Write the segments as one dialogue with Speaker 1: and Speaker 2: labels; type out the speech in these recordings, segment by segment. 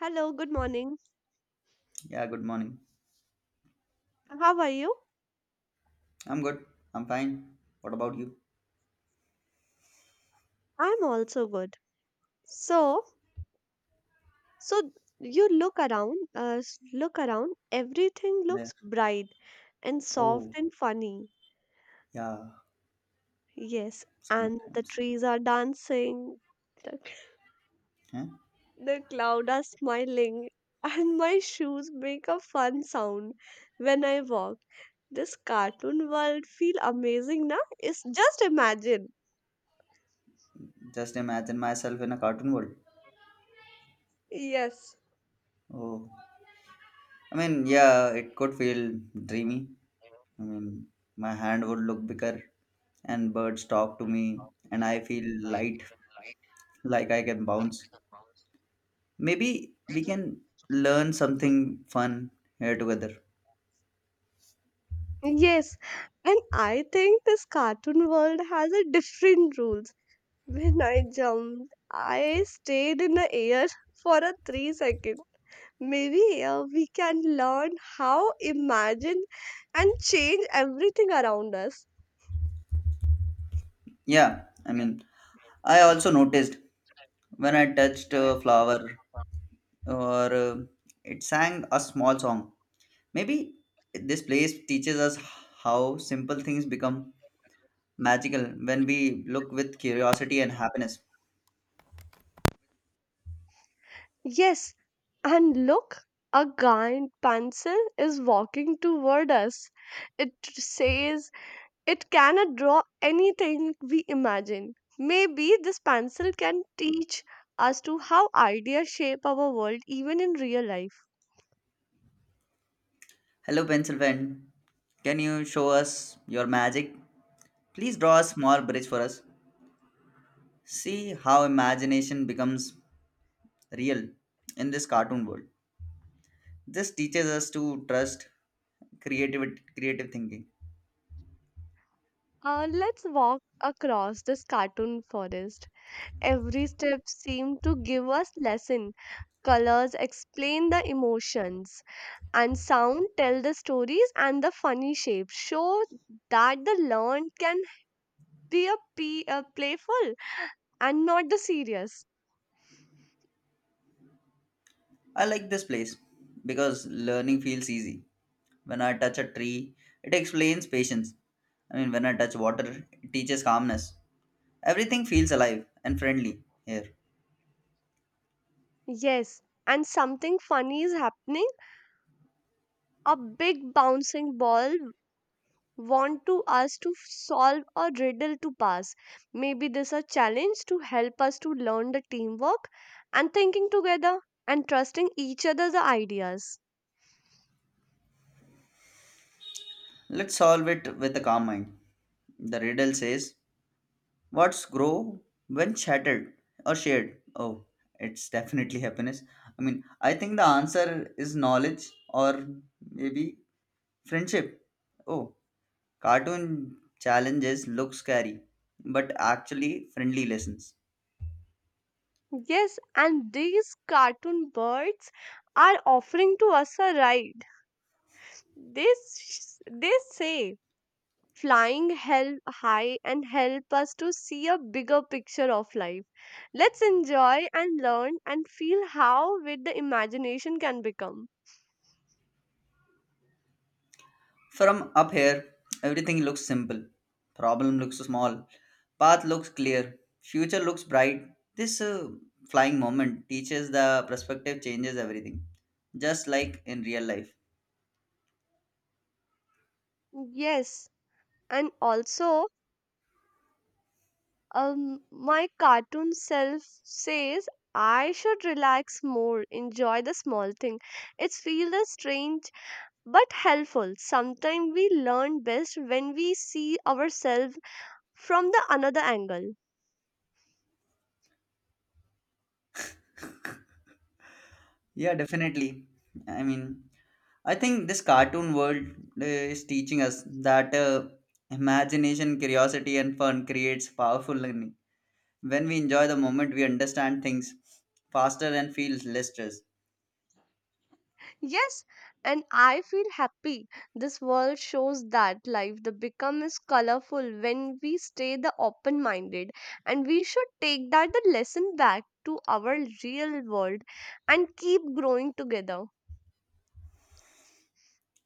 Speaker 1: Hello, good morning.
Speaker 2: Yeah, good morning.
Speaker 1: How are you?
Speaker 2: I'm good. I'm fine. What about you?
Speaker 1: I'm also good. So, so you look around, everything
Speaker 2: Yeah.
Speaker 1: looks bright and soft
Speaker 2: Oh,
Speaker 1: and funny.
Speaker 2: yeah,
Speaker 1: Yes, and the
Speaker 2: sometimes.
Speaker 1: trees are dancing, the,
Speaker 2: Huh?
Speaker 1: the cloud are smiling, and my shoes make a fun sound when I walk. This cartoon world feel amazing, na? It's just imagine.
Speaker 2: Just imagine myself in a cartoon world.
Speaker 1: Yes.
Speaker 2: Oh, yeah, it could feel dreamy. I mean, my hand would look bigger, and birds talk to me, and I feel light, like I can bounce. Maybe we can learn something fun here together.
Speaker 1: Yes, and I think this cartoon world has a different rules. When I jumped, I stayed in the air for a 3 second. Maybe we can learn how imagine and change everything around us.
Speaker 2: Yeah, I also noticed when I touched a flower or it sang a small song. Maybe this place teaches us how simple things become magical when we look with curiosity and happiness.
Speaker 1: Yes, and look, a giant pencil is walking toward us. It says it cannot draw anything we imagine. Maybe this pencil can teach us to how ideas shape our world even in real life.
Speaker 2: Hello, pencil friend. Can you show us your magic? Please draw a small bridge for us. See how imagination becomes real in this cartoon world. This teaches us to trust creative creative thinking.
Speaker 1: Let's walk across this cartoon forest. Every step seemed to give us lesson. Colors explain the emotions and sound tell the stories and the funny shapes show that the learned can be a playful and not the serious.
Speaker 2: I like this place because learning feels easy. When I touch a tree, it explains patience. When I touch water, it teaches calmness. Everything feels alive and friendly here.
Speaker 1: Yes, and something funny is happening. A big bouncing ball want to us to solve a riddle to pass. Maybe this a challenge to help us to learn the teamwork and thinking together and trusting each other's ideas.
Speaker 2: Let's solve it with a calm mind. The riddle says, what's grow when shattered or shared? Oh, it's definitely happiness. I think the answer is knowledge or maybe friendship. Oh, cartoon challenges look scary, but actually friendly lessons.
Speaker 1: Yes, and these cartoon birds are offering to us a ride. This they say flying help high and help us to see a bigger picture of life. Let's enjoy and learn and feel how with the imagination can become.
Speaker 2: From up here, everything looks simple. Problem looks small. Path looks clear. Future looks bright. This flying moment teaches the perspective changes everything, just like in real life.
Speaker 1: Yes, and also my cartoon self says I should relax more, enjoy the small thing. It's feel the strange but helpful. Sometimes we learn best when we see ourselves from the another angle.
Speaker 2: Yeah, definitely. I mean, I think this cartoon world is teaching us that imagination, curiosity, and fun creates powerful learning. When we enjoy the moment, we understand things faster and feel less stress.
Speaker 1: Yes, and I feel happy. This world shows that life the become is colorful when we stay the open minded and we should take that the lesson back to our real world and keep growing together.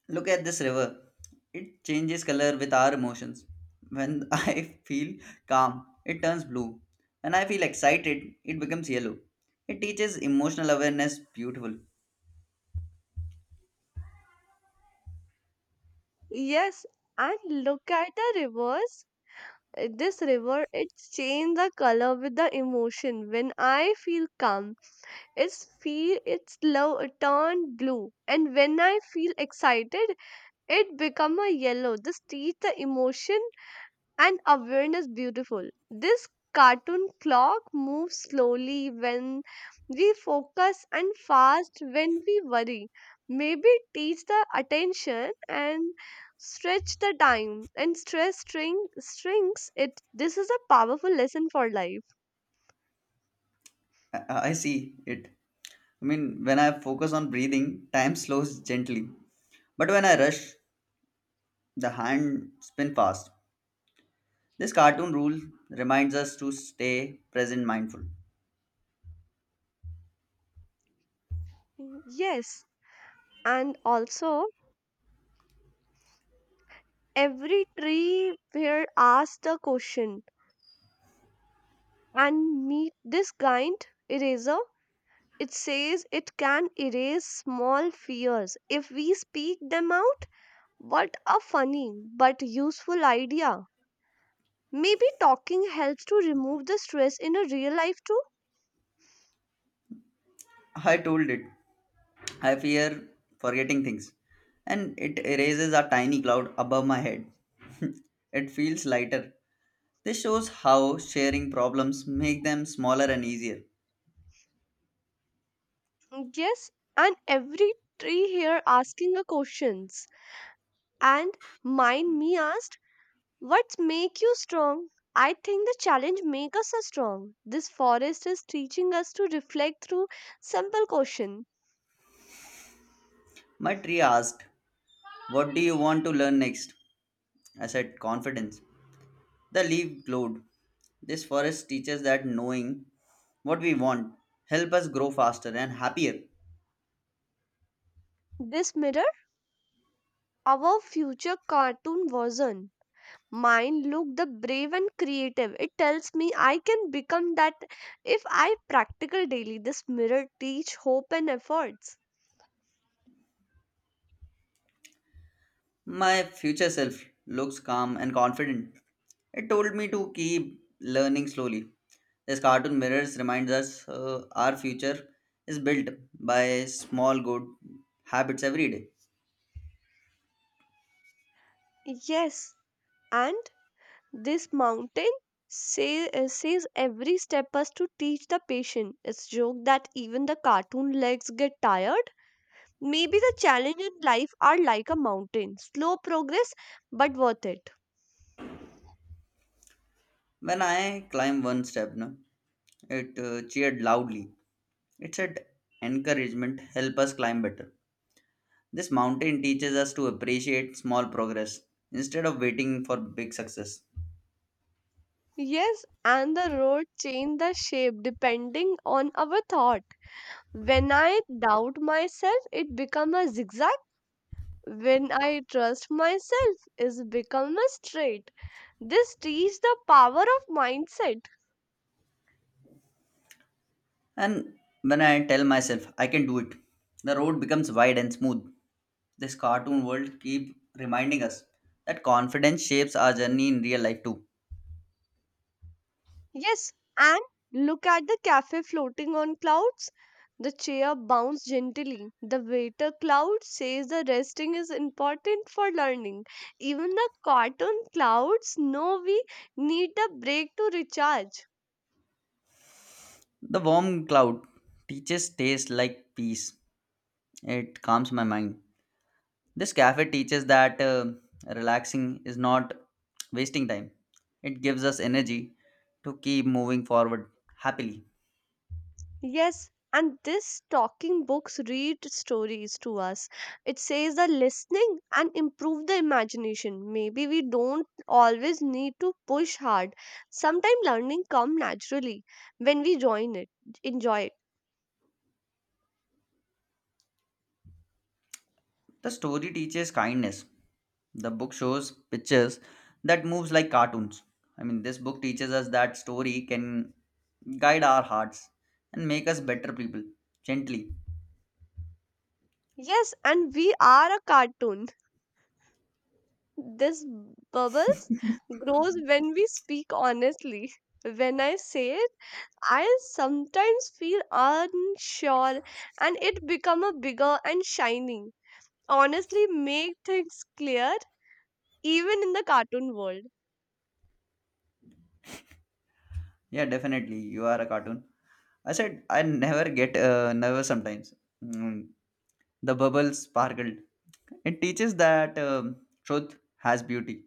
Speaker 2: Look at this river. It changes color with our emotions. When I feel calm, it turns blue. When I feel excited, it becomes yellow. It teaches emotional awareness beautiful.
Speaker 1: Yes, and look at the rivers. This river it change the color with the emotion. When I feel calm, its feel its love turn blue, and when I feel excited, it become a yellow. This teach the emotion and awareness beautiful. This cartoon clock moves slowly when we focus and fast when we worry. Maybe teach the attention and stretch the time and stress strings it. This is a powerful lesson for life.
Speaker 2: I see it. When I focus on breathing, time slows gently. But when I rush, the hand spin fast. This cartoon rule reminds us to stay present mindful.
Speaker 1: Yes, and also every tree here asks the question and meet this kind eraser. It says it can erase small fears if we speak them out. What a funny but useful idea. Maybe talking helps to remove the stress in a real life too.
Speaker 2: I told it. I fear forgetting things, and it erases a tiny cloud above my head. It feels lighter. This shows how sharing problems make them smaller and easier.
Speaker 1: Yes, and every tree here asking a questions. And mind me asked, what make you strong? I think the challenge make us a strong. This forest is teaching us to reflect through simple question.
Speaker 2: My tree asked, what do you want to learn next? I said, confidence. The leaf glowed. This forest teaches that knowing what we want help us grow faster and happier.
Speaker 1: This mirror our future cartoon version. Mine look the brave and creative. It tells me I can become that if I practical daily. This mirror teach hope and efforts.
Speaker 2: My future self looks calm and confident. It told me to keep learning slowly. This cartoon mirrors reminds us our future is built by small good habits every day.
Speaker 1: Yes, and this mountain say, says every step us to teach the patient. It's joke that even the cartoon legs get tired. Maybe the challenge in life are like a mountain, slow progress but worth it.
Speaker 2: When I climb one step, no, it cheered loudly. It said, encouragement, help us climb better. This mountain teaches us to appreciate small progress instead of waiting for big success.
Speaker 1: Yes, and the road change the shape depending on our thought. When I doubt myself, it become a zigzag. When I trust myself, it become a straight. This teach the power of mindset.
Speaker 2: And when I tell myself, I can do it, the road becomes wide and smooth. This cartoon world keep reminding us that confidence shapes our journey in real life too.
Speaker 1: Yes, and look at the cafe floating on clouds. The chair bounced gently. The waiter cloud says the resting is important for learning. Even the cotton clouds know we need a break to recharge.
Speaker 2: The warm cloud teaches taste like peace. It calms my mind. This cafe teaches that relaxing is not wasting time. It gives us energy to keep moving forward happily.
Speaker 1: Yes, and this talking books read stories to us. It says the listening and improve the imagination. Maybe we don't always need to push hard. Sometimes learning come naturally when we join it, enjoy it.
Speaker 2: The story teaches kindness. The book shows pictures that moves like cartoons. This book teaches us that story can guide our hearts and make us better people gently.
Speaker 1: Yes, and we are a cartoon. This bubbles grows when we speak honestly. When I say it, I sometimes feel unsure and it become a bigger and shining. Honestly make things clear even in the cartoon world.
Speaker 2: Yeah, definitely. You are a cartoon. I said, I never get nervous sometimes. Mm, the bubble sparkled. It teaches that truth has beauty.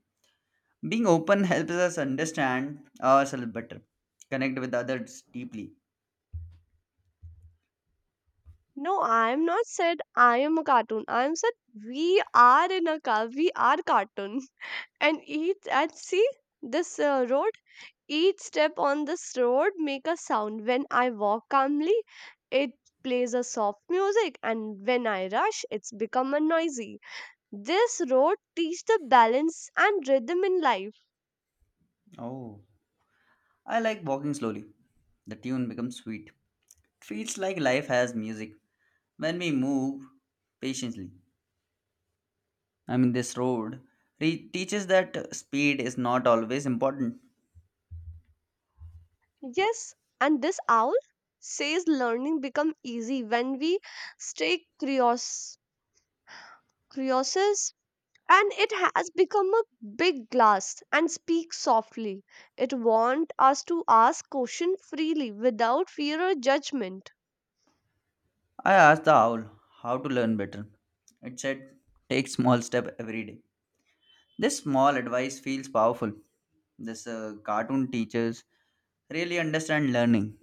Speaker 2: Being open helps us understand ourselves better, connect with others deeply.
Speaker 1: No, I am not said I am a cartoon. I am said we are in a car. We are cartoon. And each and see this road. Each step on this road make a sound. When I walk calmly, it plays a soft music, and when I rush, it's become a noisy. This road teach the balance and rhythm in life.
Speaker 2: Oh, I like walking slowly. The tune becomes sweet. It feels like life has music when we move patiently. This road teaches that speed is not always important.
Speaker 1: Yes, and this owl says learning become easy when we stay curious, and it has become a big glass and speaks softly. It wants us to ask questions freely without fear or judgment.
Speaker 2: I asked the owl how to learn better. It said, take small step every day. This small advice feels powerful. This cartoon teachers really understand learning.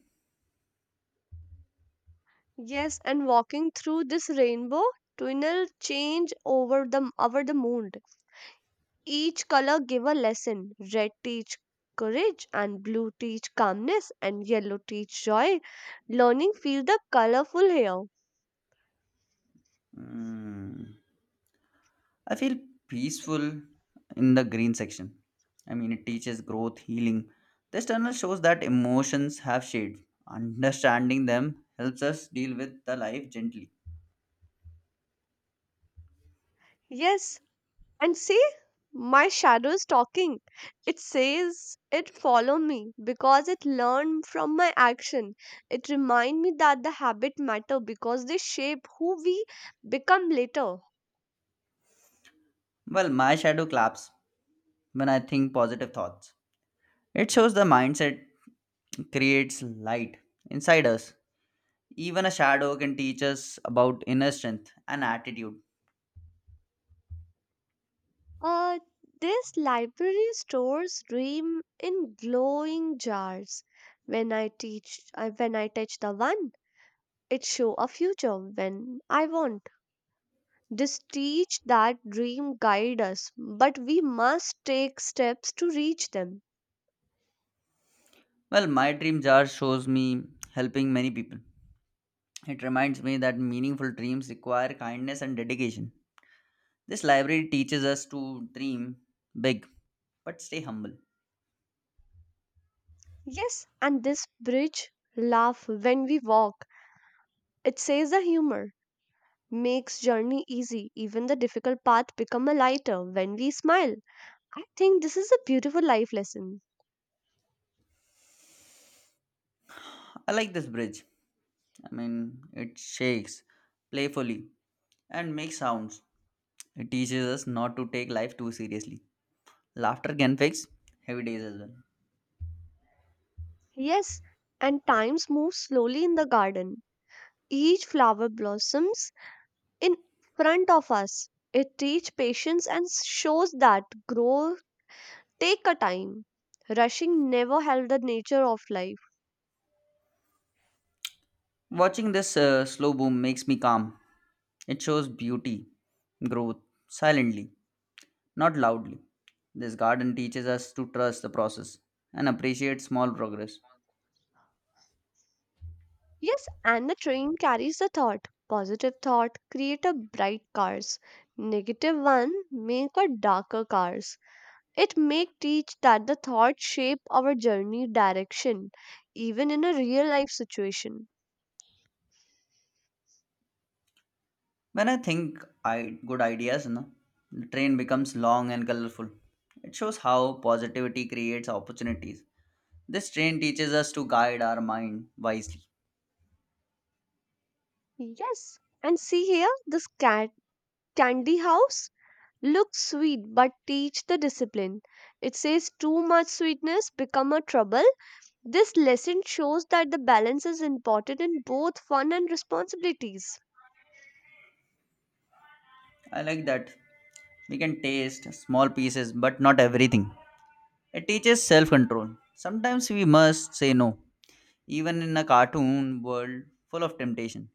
Speaker 1: Yes, and walking through this rainbow tunnel change over the moon. Each color give a lesson. Red teach courage and blue teach calmness and yellow teach joy. Learning feel the colorful here.
Speaker 2: Mm, I feel peaceful in the green section. It teaches growth, healing. This tunnel shows that emotions have shades. Understanding them helps us deal with the life gently.
Speaker 1: Yes, and see my shadow is talking. It says it follow me because it learned from my action. It remind me that the habit matter because they shape who we become later.
Speaker 2: Well, my shadow claps when I think positive thoughts. It shows the mindset creates light inside us. Even a shadow can teach us about inner strength and attitude.
Speaker 1: Uh, this library stores dream in glowing jars. When I touch the one, it show a future when I want. This teach that dream guide us, but we must take steps to reach them.
Speaker 2: Well, my dream jar shows me helping many people. It reminds me that meaningful dreams require kindness and dedication. This library teaches us to dream big but stay humble.
Speaker 1: Yes, and this bridge laugh when we walk. It says the humor makes journey easy. Even the difficult path become a lighter when we smile. I think this is a beautiful life lesson.
Speaker 2: I like this bridge. It shakes playfully and makes sounds. It teaches us not to take life too seriously. Laughter can fix heavy days as well.
Speaker 1: Yes, and times move slowly in the garden. Each flower blossoms in front of us. It teaches patience and shows that growth take a time. Rushing never helped the nature of life.
Speaker 2: Watching this slow boom makes me calm. It shows beauty, growth, silently, not loudly. This garden teaches us to trust the process and appreciate small progress.
Speaker 1: Yes, and the train carries the thought. Positive thought create a bright cars. Negative one make a darker cars. It make teach that the thought shape our journey direction, even in a real life situation.
Speaker 2: When I think I good ideas, na, the train becomes long and colorful. It shows how positivity creates opportunities. This train teaches us to guide our mind wisely.
Speaker 1: Yes, and see here, this cat candy house looks sweet but teach the discipline. It says too much sweetness become a trouble. This lesson shows that the balance is important in both fun and responsibilities.
Speaker 2: I like that. We can taste small pieces, but not everything. It teaches self control. Sometimes we must say no even in a cartoon world full of temptation.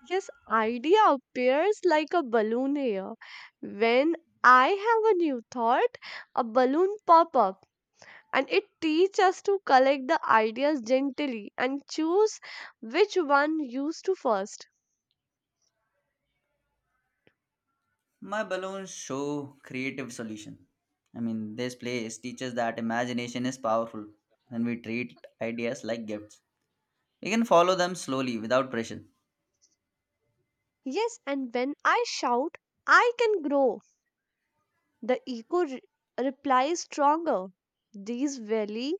Speaker 1: Yes, idea appears like a balloon here. When I have a new thought, a balloon pop up and it teaches us to collect the ideas gently and choose which one used to first.
Speaker 2: My balloons show creative solution. This place teaches that imagination is powerful and we treat ideas like gifts. We can follow them slowly without pressure.
Speaker 1: Yes, and when I shout, I can grow. The ego replies stronger. These really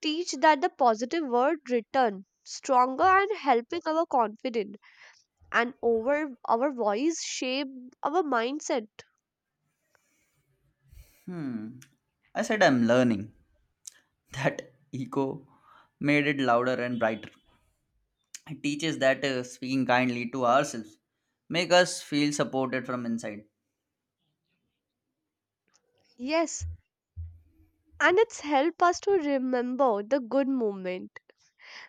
Speaker 1: teach that the positive word return stronger and helping our confidence and over our voice shape our mindset.
Speaker 2: Hmm, I said I'm learning. That echo made it louder and brighter. It teaches that speaking kindly to ourselves make us feel supported from inside.
Speaker 1: Yes, and it's help us to remember the good moment.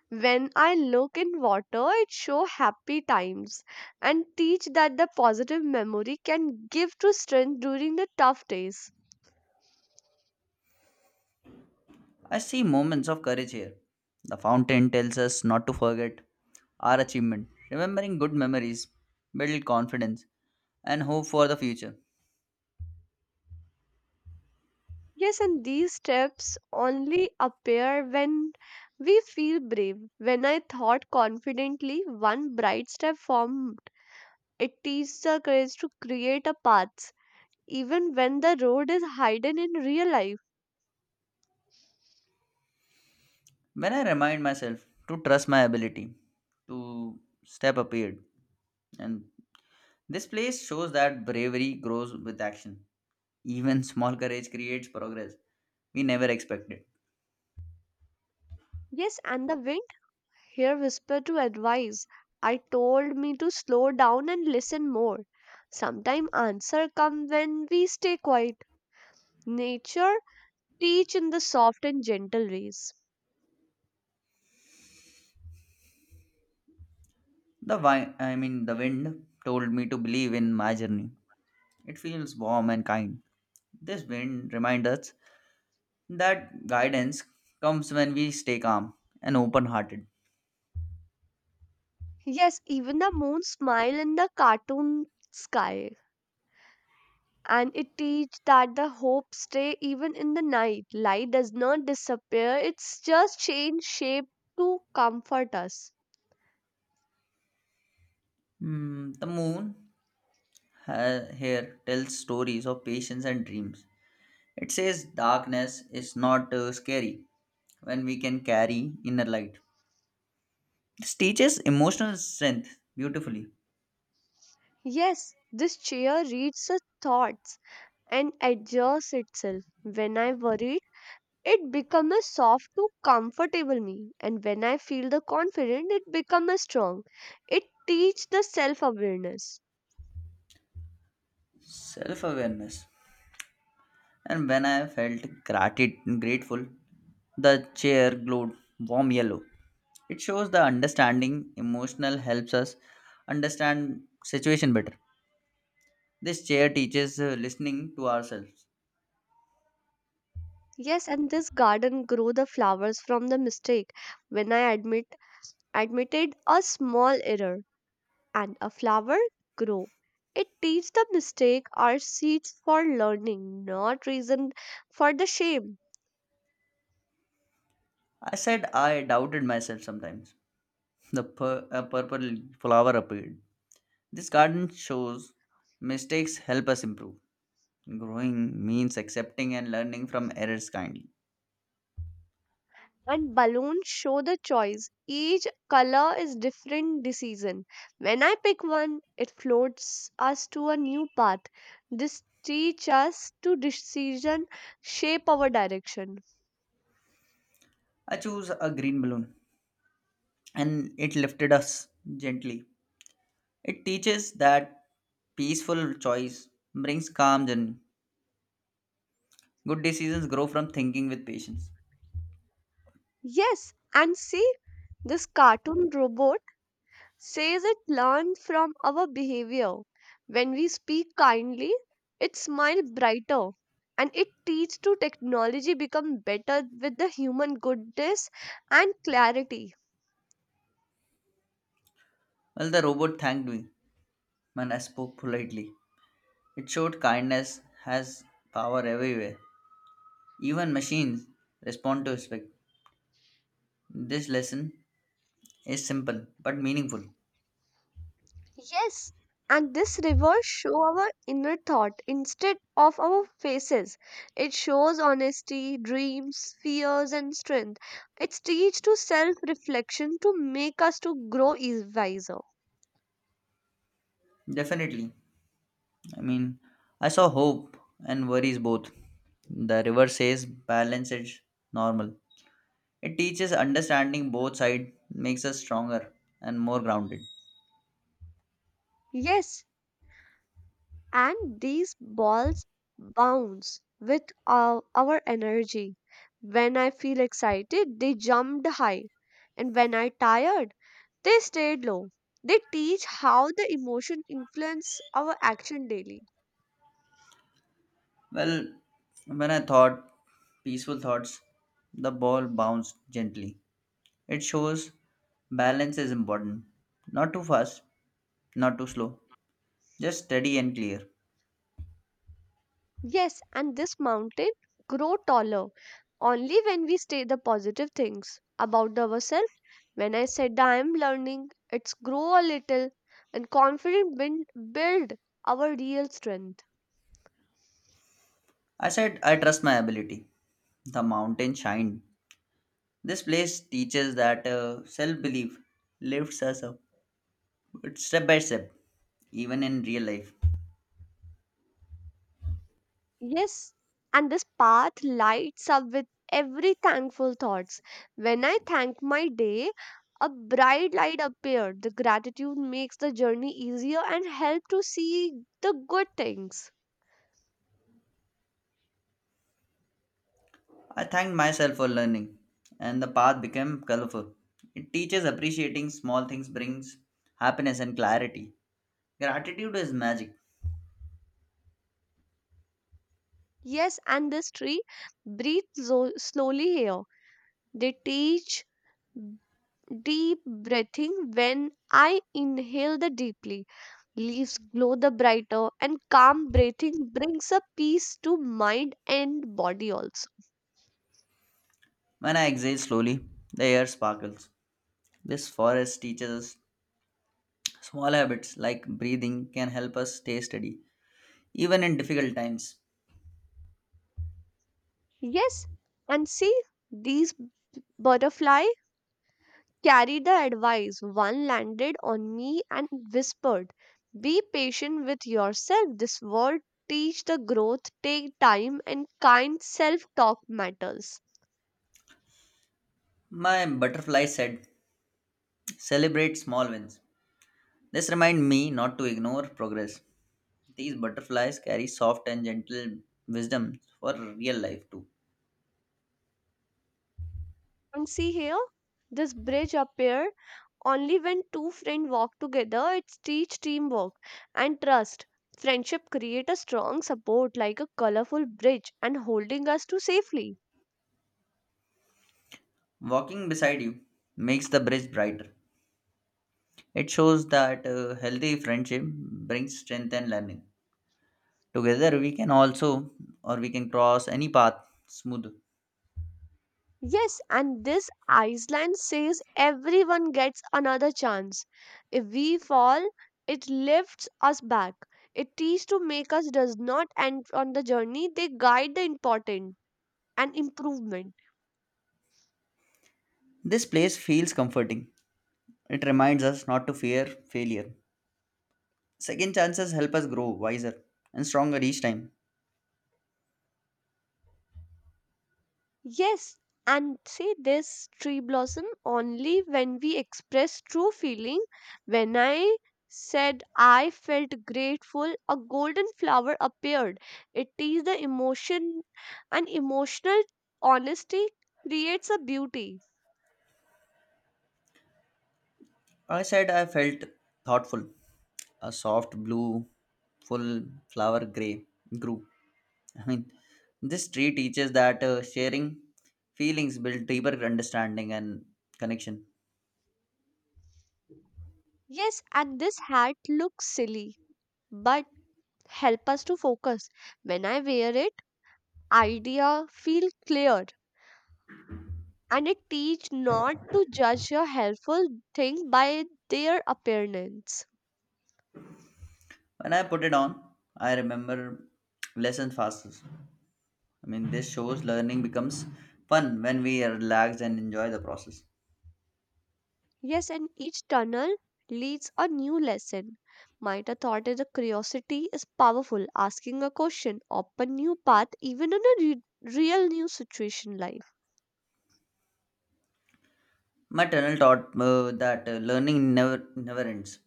Speaker 1: When I look in water, it show happy times and teach that the positive memory can give to strength during the tough days.
Speaker 2: I see moments of courage here. The fountain tells us not to forget our achievement. Remembering good memories build confidence and hope for the future.
Speaker 1: Yes, and these steps only appear when we feel brave. When I thought confidently, one bright step formed. It teaches the courage to create a path, even when the road is hidden in real life.
Speaker 2: When I remind myself to trust my ability to step appeared and this place shows that bravery grows with action. Even small courage creates progress we never expected.
Speaker 1: Yes, and the wind here whispered to advise. I told me to slow down and listen more. Sometime answer come when we stay quiet. Nature teach in the soft and gentle ways.
Speaker 2: The wi- I mean The wind told me to believe in my journey. It feels warm and kind. This wind reminds us that guidance comes when we stay calm and open hearted.
Speaker 1: Yes, even the moon smile in the cartoon sky. And it teach that the hope stay even in the night. Light does not disappear, it's just change shape to comfort us.
Speaker 2: Hmm, the moon here tells stories of patience and dreams. It says darkness is not scary when we can carry inner light. This teaches emotional strength beautifully,
Speaker 1: Yes, this chair reads the thoughts and adjusts itself. When I worry, it becomes soft to comfortable me. And when I feel the confident, it becomes strong. It teach the self-awareness.
Speaker 2: self awareness. And when I felt grateful, the chair glowed warm yellow. It shows the understanding emotional helps us understand situation better. This chair teaches listening to ourselves.
Speaker 1: Yes, and this garden grew the flowers from the mistake. When I admitted a small error and a flower grew. It teach the mistake are seeds for learning, not reason for the shame.
Speaker 2: I said I doubted myself sometimes. A purple flower appeared. This garden shows mistakes help us improve. Growing means accepting and learning from errors kindly.
Speaker 1: And balloons show the choice. Each color is different decision. When I pick one, it floats us to a new path. This teach us to decision shape our direction.
Speaker 2: I chose a green balloon and it lifted us gently. It teaches that peaceful choice brings calm journey. Good decisions grow from thinking with patience.
Speaker 1: Yes, and see this cartoon robot says it learned from our behavior. When we speak kindly, it smiles brighter and it teaches to technology become better with the human goodness and clarity.
Speaker 2: Well, the robot thanked me and I spoke politely. It showed kindness has power everywhere. Even machines respond to respect. This lesson is simple but meaningful.
Speaker 1: Yes, and this reverse show our inner thought instead of our faces. It shows honesty, dreams, fears and strength. It teaches to self-reflection to make us to grow wiser.
Speaker 2: Definitely. I mean, I saw hope and worries both. The river says balance is normal. It teaches understanding both sides, makes us stronger and more grounded.
Speaker 1: Yes, and these balls bounce with our energy. When I feel excited, they jumped high, and when I tired, they stayed low. They teach how the emotion influence our action daily.
Speaker 2: Well, when I thought peaceful thoughts, the ball bounced gently. It shows balance is important. Not too fast, not too slow, just steady and clear.
Speaker 1: Yes, and this mountain grow taller only when we say the positive things about ourselves. When I said I am learning, it's grow a little, and confident build our real strength.
Speaker 2: I said, I trust my ability. The mountain shined. This place teaches that self belief lifts us up but step by step, even in real life.
Speaker 1: Yes, and this path lights up with every thankful thoughts. When I thank my day, a bright light appeared. The gratitude makes the journey easier and help to see the good things.
Speaker 2: I thanked myself for learning, and the path became colorful. It teaches appreciating small things, brings happiness and clarity. Gratitude is magic.
Speaker 1: Yes, and this tree breathes so slowly here. They teach deep breathing when I inhale the deeply. Leaves glow the brighter and calm breathing brings a peace to mind and body also.
Speaker 2: When I exhale slowly, the air sparkles. This forest teaches us small habits like breathing can help us stay steady, even in difficult times.
Speaker 1: Yes, and see, these butterfly carried the advice. One landed on me and whispered, "Be patient with yourself. This world teach the growth, take time, and kind self-talk matters."
Speaker 2: My butterfly said, celebrate small wins. This reminds me not to ignore progress. These butterflies carry soft and gentle wisdom for real life too.
Speaker 1: And see here, this bridge appeared only when two friends walk together. It teach teamwork and trust. Friendship create a strong support like a colorful bridge and holding us to safely.
Speaker 2: Walking beside you makes the bridge brighter. It shows that healthy friendship brings strength and learning. Together we can cross any path smooth.
Speaker 1: Yes, and this Iceland says everyone gets another chance. If we fall, it lifts us back. It teaches to make us does not end on the journey. They guide the important and improvement.
Speaker 2: This place feels comforting. It reminds us not to fear failure. Second chances help us grow wiser and stronger each time.
Speaker 1: Yes, and see this tree blossom only when we express true feeling. When I said I felt grateful, a golden flower appeared. It is the emotion, and emotional honesty creates a beauty.
Speaker 2: I said I felt thoughtful. A soft blue, full flower gray grew. I mean, this tree teaches that sharing feelings build deeper understanding and connection.
Speaker 1: Yes, and this hat looks silly, but help us to focus. When I wear it, idea feel clear and it teach not to judge a helpful thing by their appearance.
Speaker 2: When I put it on, I remember lessons faster. This shows learning becomes fun when we relax and enjoy the process.
Speaker 1: Yes, and each tunnel leads a new lesson. Might My thought is a curiosity is powerful. Asking a question, open new path, even in a real new situation life.
Speaker 2: My tunnel taught that learning never ends.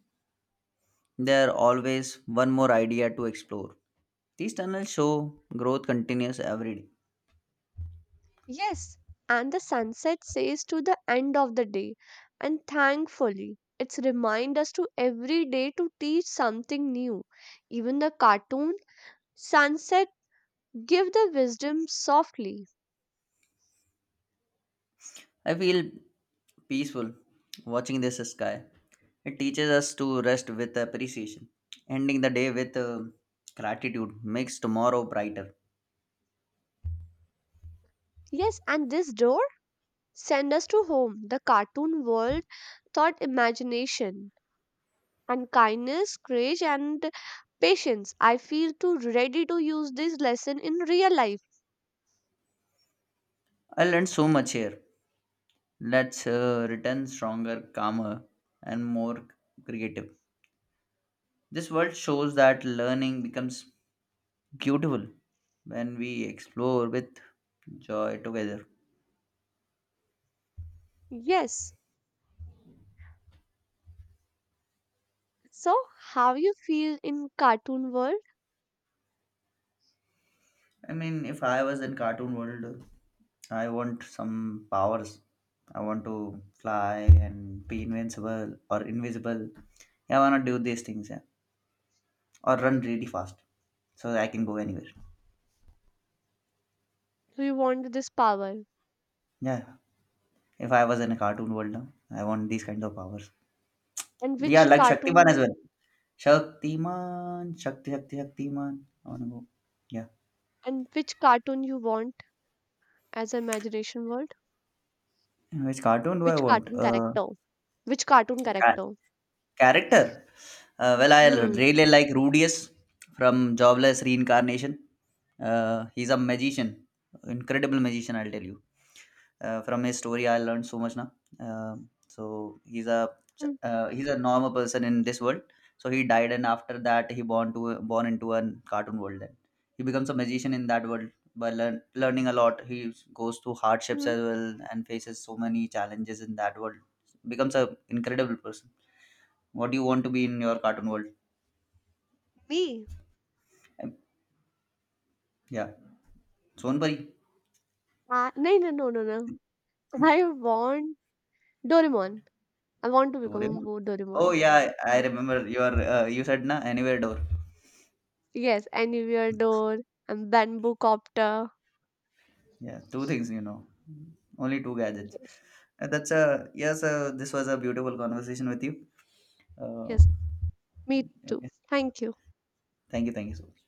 Speaker 2: There are always one more idea to explore. These tunnels show growth continues every day.
Speaker 1: Yes, and the sunset says to the end of the day, and thankfully, it's remind us to every day to teach something new. Even the cartoon sunset give the wisdom softly.
Speaker 2: I feel peaceful watching this sky. It teaches us to rest with appreciation. Ending the day with gratitude makes tomorrow brighter.
Speaker 1: Yes, and this door send us to home, the cartoon world thought imagination and kindness, courage, and patience. I feel too ready to use this lesson in real life.
Speaker 2: I learned so much here. Let's return stronger, calmer, and more creative. This world shows that learning becomes beautiful when we explore with joy together.
Speaker 1: Yes. So, how you feel in cartoon world?
Speaker 2: If I was in cartoon world, I want some powers. I want to fly and be invincible or invisible. Yeah, I wanna do these things, yeah. Or run really fast so that I can go anywhere.
Speaker 1: Do you want this power?
Speaker 2: Yeah. If I was in a cartoon world, no, I want these kinds of powers.
Speaker 1: And
Speaker 2: Yeah,
Speaker 1: which
Speaker 2: like
Speaker 1: cartoon
Speaker 2: Shaktiman as
Speaker 1: you
Speaker 2: well. Shaktiman. I wanna go. Yeah.
Speaker 1: and which cartoon you want as imagination world?
Speaker 2: Which cartoon do I
Speaker 1: Which
Speaker 2: want?
Speaker 1: cartoon character? Which cartoon character?
Speaker 2: Character? Well, I
Speaker 1: Hmm.
Speaker 2: really like Rudius from Jobless Reincarnation. Uh, he's a magician, Incredible magician, I'll tell you. From his story, I learned so much now. Um so
Speaker 1: Hmm.
Speaker 2: he's a normal person in this world. So he died, and after that, he born to born into a cartoon world. Then he becomes a magician in that world by learning a lot. He goes through hardships
Speaker 1: Hmm.
Speaker 2: as well and faces so many challenges in that world. Becomes a incredible person. What do you want to be in your cartoon world?
Speaker 1: Me.
Speaker 2: Um, yeah, Sonpari,
Speaker 1: No, no, no, no, no. I want Doraemon. I want to become a
Speaker 2: Doraemon. Oh
Speaker 1: Doraemon.
Speaker 2: yeah, I
Speaker 1: Yes,
Speaker 2: remember your uh, you said na anywhere door.
Speaker 1: yes, anywhere door and bamboo copter.
Speaker 2: Yeah, two things you know, only two gadgets.
Speaker 1: Yes,
Speaker 2: That's yes. This was a beautiful conversation with you. Uh,
Speaker 1: yes, me too.
Speaker 2: okay,
Speaker 1: Thank you.
Speaker 2: thank you so much.